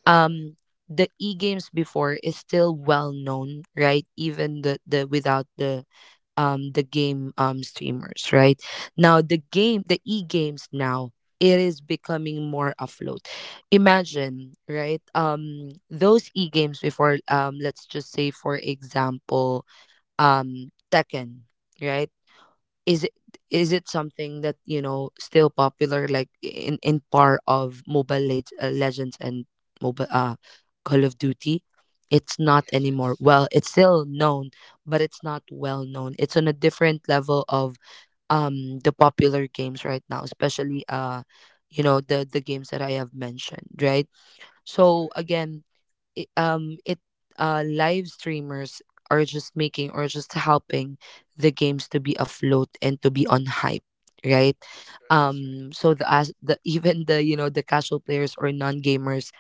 S2: That's right.
S1: Um, the e-games before is still well known, right? Even the without the the game streamers, right? Now the game, the e-games now, it is becoming more afloat. Imagine, right, those e-games before, let's just say for example, Tekken, right? is it is it something that you know still popular like in par of mobile legends and mobile Call of Duty? It's not
S2: Yes,
S1: anymore,
S2: yes.
S1: well, it's still known, but it's not well known. It's on a different level of the popular games right now, especially you know, the games that I have mentioned, right?
S2: That's
S1: So
S2: right.
S1: again, I- it live streamers are just making or just helping the games to be afloat and to be on hype, right?
S2: That's right. That's right.
S1: So the, as the <laughs> even the, you know, the casual players or non-gamers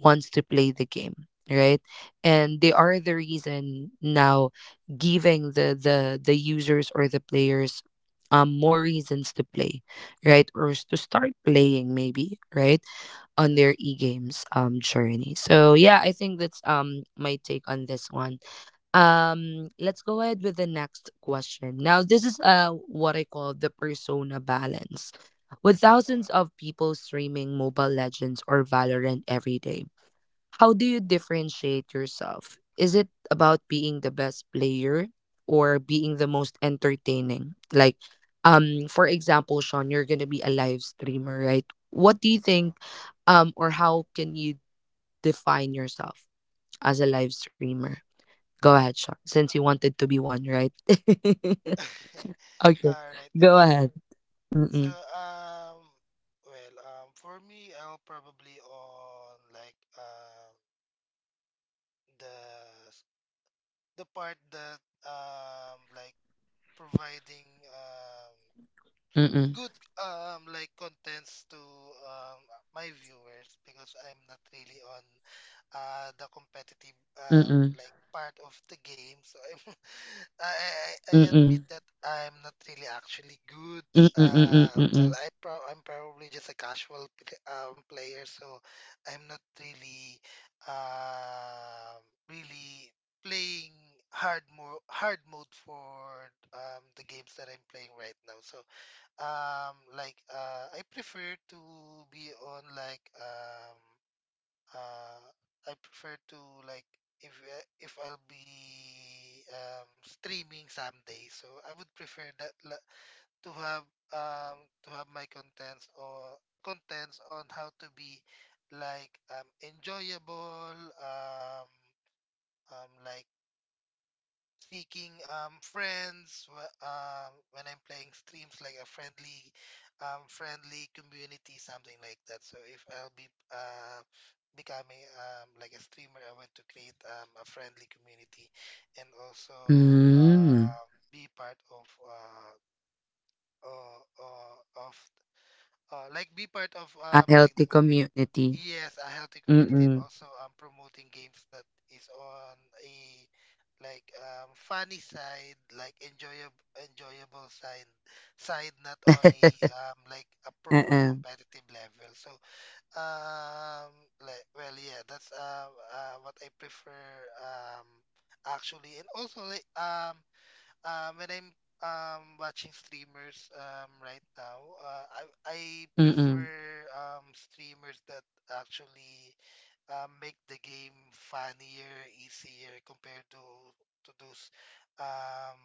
S1: wants to play the game, right? And they
S2: That's
S1: are
S2: right.
S1: the reason now giving the users or the players more reasons to play, right? Or to start playing, maybe, right, on their
S2: That's
S1: e-games journey. So yeah, I think that's my take on this one. Um, let's go ahead with the next question. Now this is what I call the persona balance. With
S2: right.
S1: thousands of people streaming Mobile Legends or Valorant every day, how do you differentiate yourself? Is it about being the best player or being the most entertaining? Like, for example, Sean, you're gonna be a live streamer, right? What do you
S2: Uh.
S1: think, or how can you define yourself as a live streamer? Go ahead, Sean, since you wanted to be one, right? <laughs>
S2: <laughs>
S1: Okay,
S2: All right,
S1: go
S2: okay.
S1: ahead.
S2: So
S1: Mm-mm,
S2: um, well um, for me, I'll probably on the the part that providing
S1: mm-mm,
S2: good contents to um my viewers because I'm not really on the competitive
S1: mm-mm,
S2: part of the game, so I'm <laughs> I admit
S1: mm-mm,
S2: that I'm not really actually good.
S1: mm-mm, mm-mm, mm-mm.
S2: I'm probably just a casual player, so I'm not really um really playing hard mode for the games that I'm playing right now. So I prefer to be on like uh I prefer to like if if I'll be streaming someday, so I would prefer to have my contents or contents on how to be enjoyable, um um like seeking friends when I'm playing streams, like a friendly, friendly community, something like that. So if I'll be becoming like a streamer, I want to create a friendly community and also
S1: Mm,
S2: be part uh, uh, of like be part of
S1: a healthy
S2: the community.
S1: community.
S2: Yes, a healthy community, and
S1: Mm-mm.
S2: also promoting games that is on a funny side, like enjoyable enjoyable side side, not on a
S1: <laughs>
S2: a pro or
S1: Uh-uh.
S2: competitive level. So yeah, that's what I prefer um actually. And also when I'm watching streamers right now, I
S1: Mm-mm.
S2: prefer streamers that actually make the game funnier, easier compared to those um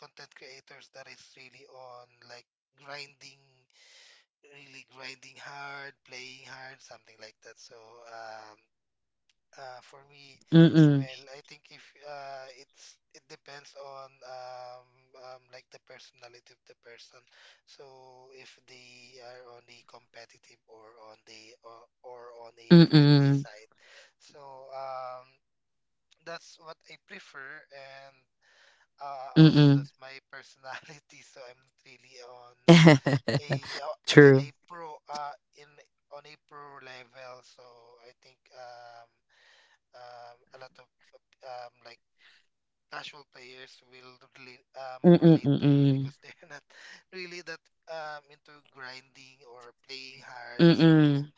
S2: content creators that is really on like grinding, really grinding hard, playing hard, something like that. So um for me,
S1: Mm-mm.
S2: well, I think if it's it depends on like the personality of the person. So if they are on the competitive or on a friendly
S1: Mm-mm.
S2: side, so um, that's what I prefer, and also
S1: Mm-mm.
S2: that's my personality. <laughs> So I'm not really on
S1: <laughs>
S2: a uh, in
S1: True.
S2: a pro in on a pro level. So I think a lot of um, like casual players will
S1: Mm-mm.
S2: relate to me
S1: Mm-mm.
S2: because they're not <laughs> really that into grinding or playing hard. So
S1: Mm-mm.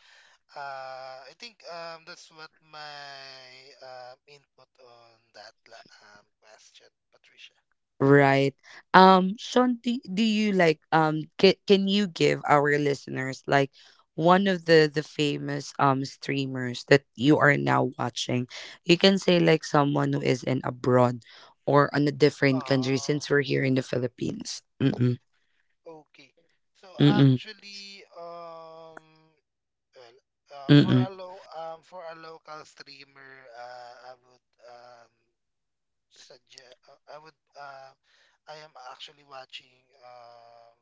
S2: I think that's what my input on that question, Patricia.
S1: Right. Sean, do you like ca- can you give our listeners like one of the famous streamers that you are now watching? You can say like someone who is in abroad or on a different country
S2: Oh,
S1: since we're here in the Philippines. Mm-mm.
S2: okay. So
S1: Mm-mm.
S2: actually, well, for
S1: Mm-mm.
S2: a for a local streamer, I would Suggest I would I am actually watching um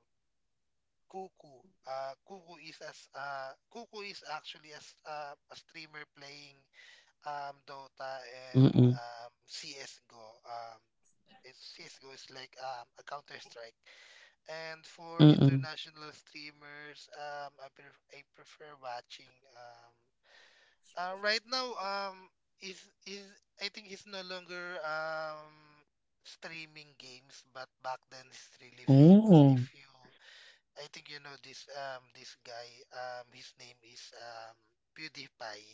S2: Cuckoo. Cuckoo is as Cuckoo is actually as a streamer playing Dota and
S1: Mm-mm.
S2: CS:GO. Um, it's CS:GO is like a Counter Strike. And for
S1: Mm-mm.
S2: international streamers, I prefer watching right now, is I think he's no longer streaming games, but back then he's really famous.
S1: Oh.
S2: If you, I think you know this this guy. His name is PewDiePie.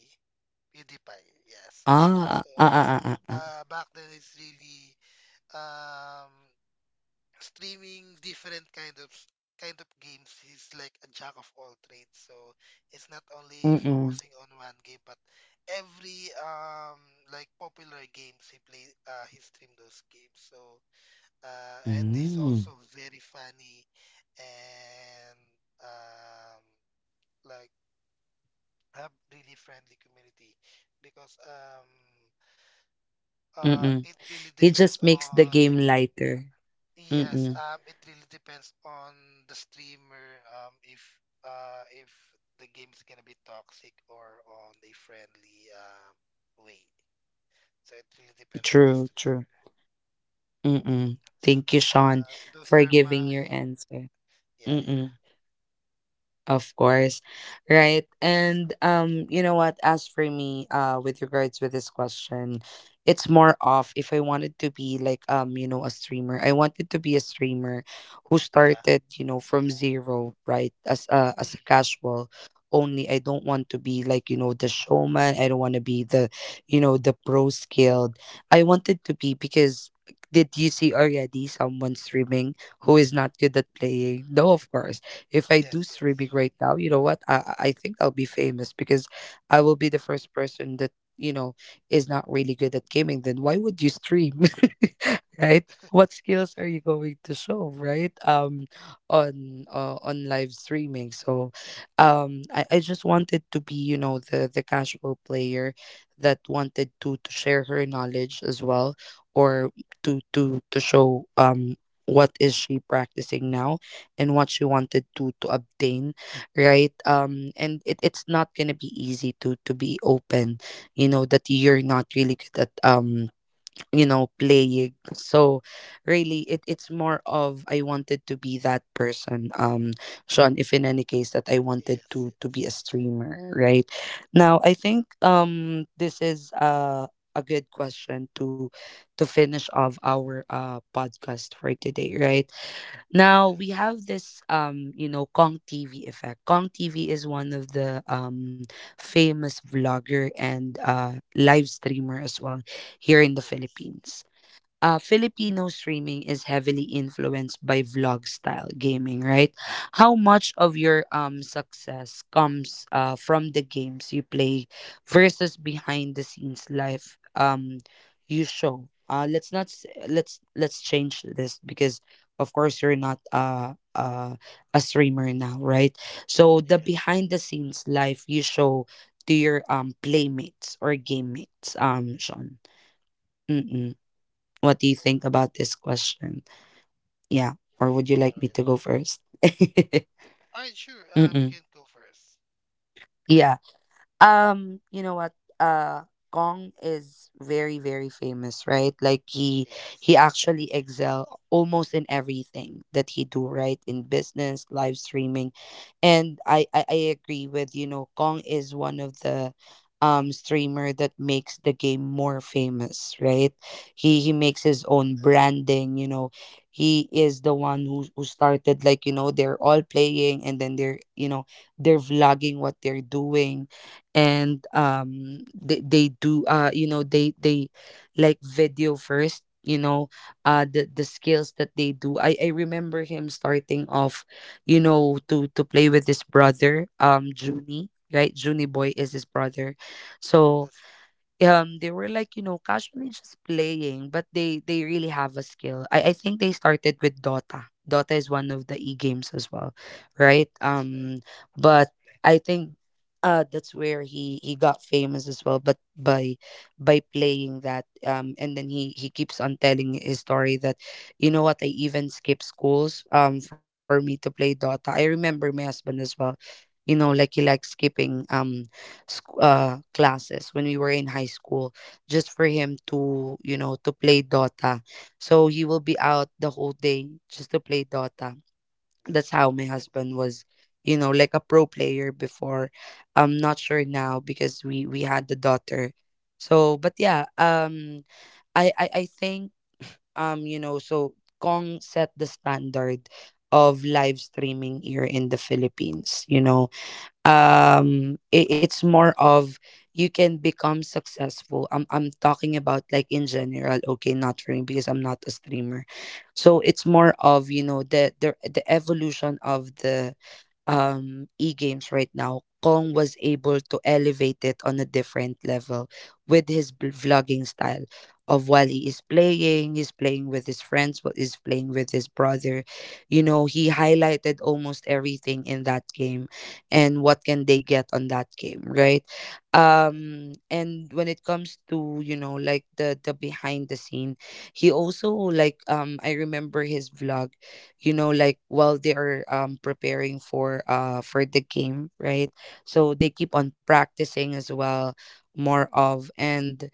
S2: PewDiePie, yes.
S1: Ah,
S2: So,
S1: ah, ah, ah, ah,
S2: back then it's really um streaming different kind of games is like a jack of all trades, so it's not only
S1: mm.
S2: focusing on one game but every popular games he stream those games. So and he's
S1: Mm.
S2: also very funny and um like have really friendly community because
S1: Mm. Mm.
S2: it really
S1: He
S2: depends
S1: just makes the
S2: on.
S1: game lighter. Mm.
S2: Yes,
S1: Mm.
S2: it really depends on the streamer, um, if if the game's gonna be toxic or on a friendly way. So it really depends on the
S1: True, true.
S2: streamer.
S1: Mm. Mm.
S2: So
S1: Thank you,
S2: that's
S1: Sean,
S2: those
S1: for
S2: are
S1: giving
S2: my
S1: your answer. Mm,
S2: yeah,
S1: mm. Of course. Right. And you know what, as for me, with regards with this question, it's more of if I wanted to be like you know, a streamer. I wanted to be a streamer who
S2: yeah, yeah,
S1: started you know from zero, right? As a as a casual only. I don't want to be like you know the showman. I don't want to be the you know the pro skilled. I wanted to be because did you see already someone streaming who is not good at playing? No, of course. If I do
S2: yes, yes,
S1: streaming right now, you know what? I think I'll be famous because I will be the first person that you know is not really good at gaming. Then why would you stream, <laughs> right? What skills are you going to show, right? On live streaming. So, I just wanted to be you know the casual player that wanted to share her knowledge as well, or to to show what is she practicing now, and what you wanted to obtain, right? And it's not gonna be easy to be open you know that you're not really good at you know playing. So really, it's more of I wanted to be that person. Sean, if in any case that I wanted
S2: yes,
S1: to be a
S2: yes,
S1: streamer right now, I think this is a good question to finish off our podcast for today, right? Now we have this you know Kong TV effect. Kong TV is one of the famous vlogger and live streamer as well here in the
S2: yes,
S1: Philippines. Filipino streaming is heavily influenced by vlog style gaming, right? How much of your success comes from the games you play versus behind the scenes life you show? Let's not s- let's change this because of course you're not a streamer now, right? So the
S2: yes, yes.
S1: behind the scenes life you show to your playmates or game mates, Sean. What do you think
S2: Oh,
S1: about this question? Yeah. Or would you like
S2: all
S1: me
S2: right,
S1: to go first? <laughs>
S2: all right, sure. You
S1: Mm-mm.
S2: can go first.
S1: Yeah. You know what? Uh, Kong is very, very famous, right? Like he
S2: Yes,
S1: he
S2: that's right.
S1: actually excel almost in everything that he do, right? In business, live streaming, and I agree with you know Kong is one of the streamer that makes the game more famous, right? He
S2: That's right.
S1: makes his own branding, you know. He is the one who started like you know they're all playing, and then they're you know they're vlogging what they're doing, and they do you know they like video first you know the skills that they do. I remember him starting off you know to play with his brother Junie, right? Junie Boy is his brother. So
S2: That's right.
S1: they were like you know casually just playing, but they really have a skill. I think they started with Dota. Dota is one of the e-games as well, right?
S2: That's right.
S1: But I think that's where he got famous as well, but by playing that. And then he keeps on telling his story that you know what, I even skipped schools for me to play Dota. I remember my husband as well, you know, like he liked skipping sc- classes when we were in high school just for him to you know to play Dota. So he will be out the whole day just to play Dota. That's
S2: That's
S1: how my
S2: right.
S1: husband was, you know, like a pro player before. I'm not sure now because we had the daughter, so. But yeah, I think you know, so Kong set the standard of live streaming here in the Philippines, you know. Um, I- it's more of you can become successful. I'm talking about like in general, okay? Not for me because I'm not a streamer. So it's more of you know the the evolution of the e-games right now. Kong was able to elevate it on a different level with his bl- vlogging style of while he is playing, he's playing with his friends, what is playing with his brother. You know, he highlighted almost everything in that game, and what can they get on that game, right?
S2: That's right.
S1: Um, and when it comes to, you know, like the behind the scene, he also like I remember his vlog, you know, like while they are preparing for the game, right? So they keep on practicing as well more of. And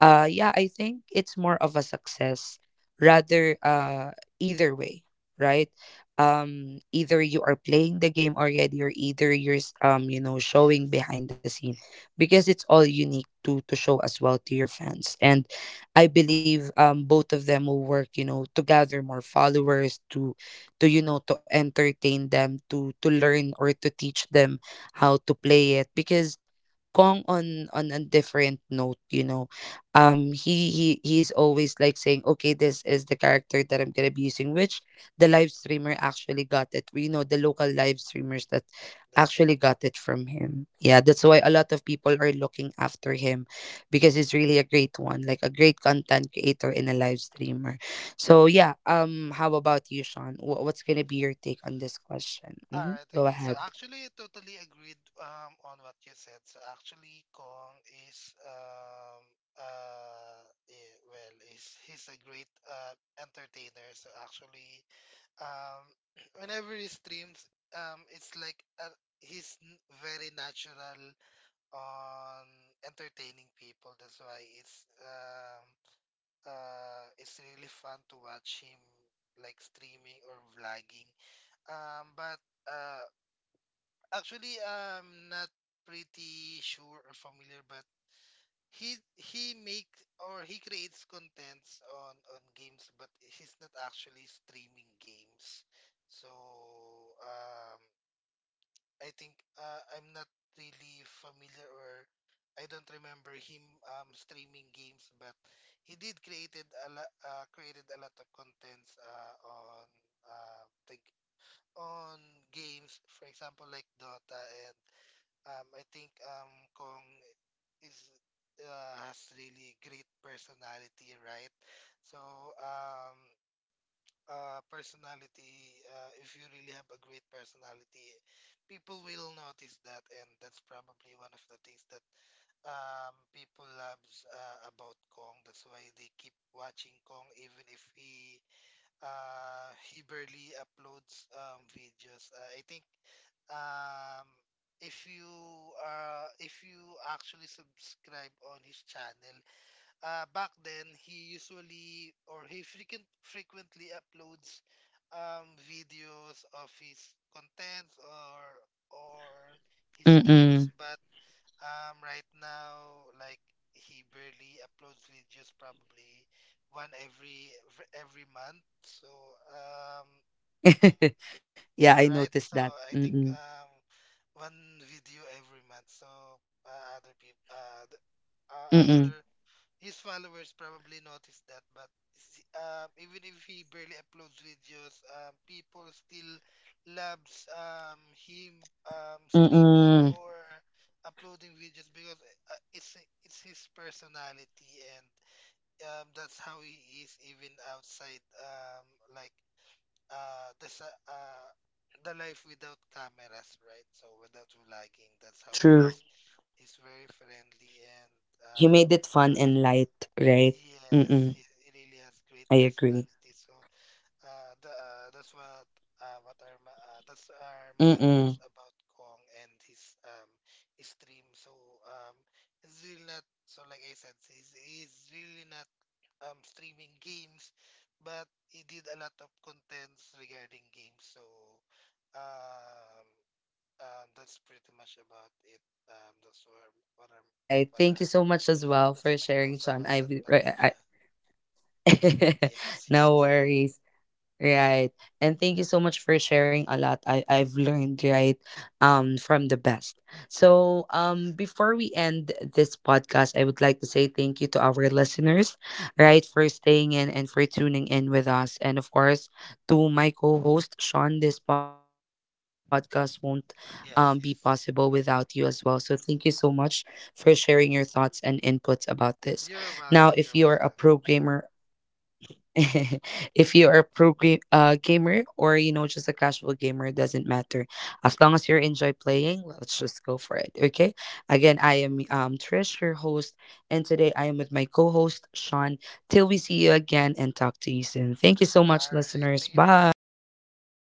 S1: yeah, I think it's more of a success rather, uh, either way, right? Um, either you are playing the game already, or either you're s- you know showing
S2: Yes,
S1: behind the scene, because it's all unique to show as well to your fans. And I believe both of them will work, you know, to gather more followers, to you know to entertain them, to learn or to teach them how to play it, because Kung on a different note, you know, he's always like saying okay, this is the character that I'm gonna be using, which the live streamer actually got it. We know the local live streamers that
S2: that's
S1: actually
S2: right.
S1: got it from him. Yeah, that's why a lot of people are looking after him, because he's really a great one, like a great content creator and a live streamer. So yeah, how about you, Sean? Wh- what's gonna be your take on this question?
S2: All
S1: Hmm,
S2: right,
S1: go
S2: okay. So
S1: ahead.
S2: actually, I totally agreed on what you said. So actually, Kong is uh he's a great entertainer. So actually, um, <clears throat> whenever he streams, it's like he's very natural on entertaining people. That's why it's really fun to watch him like streaming or vlogging. But uh, actually, I'm not pretty sure or familiar, but he makes or he creates contents on games, but he's not actually streaming games. So um, I think I'm not really familiar or I don't remember him streaming games, but he did created a lot of contents uh, the on games, for example, like Dota, and I think Kong is has really great personality, right? So um, personality, if you really have a great personality, people will notice that, and that's probably one of the things that people loves about Kong. That's why they keep watching Kong, even if he barely uploads videos. I think um if you if you actually subscribe on his channel. Back then he usually or he frequently uploads videos of his contents or his streams.
S1: Mm-mm.
S2: But right now, like, he barely uploads videos, probably one every month. So um
S1: <laughs> Yeah, I
S2: yeah, right.
S1: noticed that.
S2: So I think
S1: Mm-mm.
S2: one video every month. So uh, other people, uh, the, other
S1: Mm-mm.
S2: his followers probably noticed that. But even if he barely uploads videos, people still loves him streaming
S1: Mm-mm.
S2: or uploading videos because uh, it's it's his personality, and that's how he is even outside like uh the sa- uh the life without cameras, right? So without vlogging, that's how he
S1: True.
S2: is. He's very friendly and
S1: He made it fun
S2: has
S1: and light, right?
S2: yes,
S1: Mm-mm.
S2: he really has great
S1: I agree.
S2: personality. So that's what are my that's are my
S1: Mm-mm.
S2: thoughts about Kong and his stream. So um it's really not, so like I said, he's really not streaming games, but he did a lot of contents regarding games. So um, that's pretty much about it. That's what I'm
S1: Right.
S2: what
S1: Thank
S2: are
S1: you so much as well
S2: that's
S1: for
S2: my
S1: sharing,
S2: thoughts
S1: Sean.
S2: about that, Patricia.
S1: I, <laughs>
S2: Yes, <laughs>
S1: no
S2: yes,
S1: worries. Right. And thank you so much for sharing a lot. I've learned, right, from the best. So before we end this podcast, I would like to say thank you to our listeners, right, for staying in and for tuning in with us. And of course, to my co-host, Sean, this podcast won't be possible
S2: yes,
S1: without you
S2: yes.
S1: as well. So thank you so much for sharing your thoughts and inputs about this. Now, if
S2: You're
S1: you're a
S2: welcome. You're welcome.
S1: programmer <laughs> if you are a pro ga- gamer, or you know just a casual gamer, it doesn't matter. As long as you enjoy playing, let's just go for it, okay? Again, I am Trish, your host, and today I am with my co-host Sean. Till we see you again and talk to you soon. Thank you so
S2: All
S1: much,
S2: right.
S1: listeners.
S2: Thank you for having
S1: Bye.
S2: me. Thank you.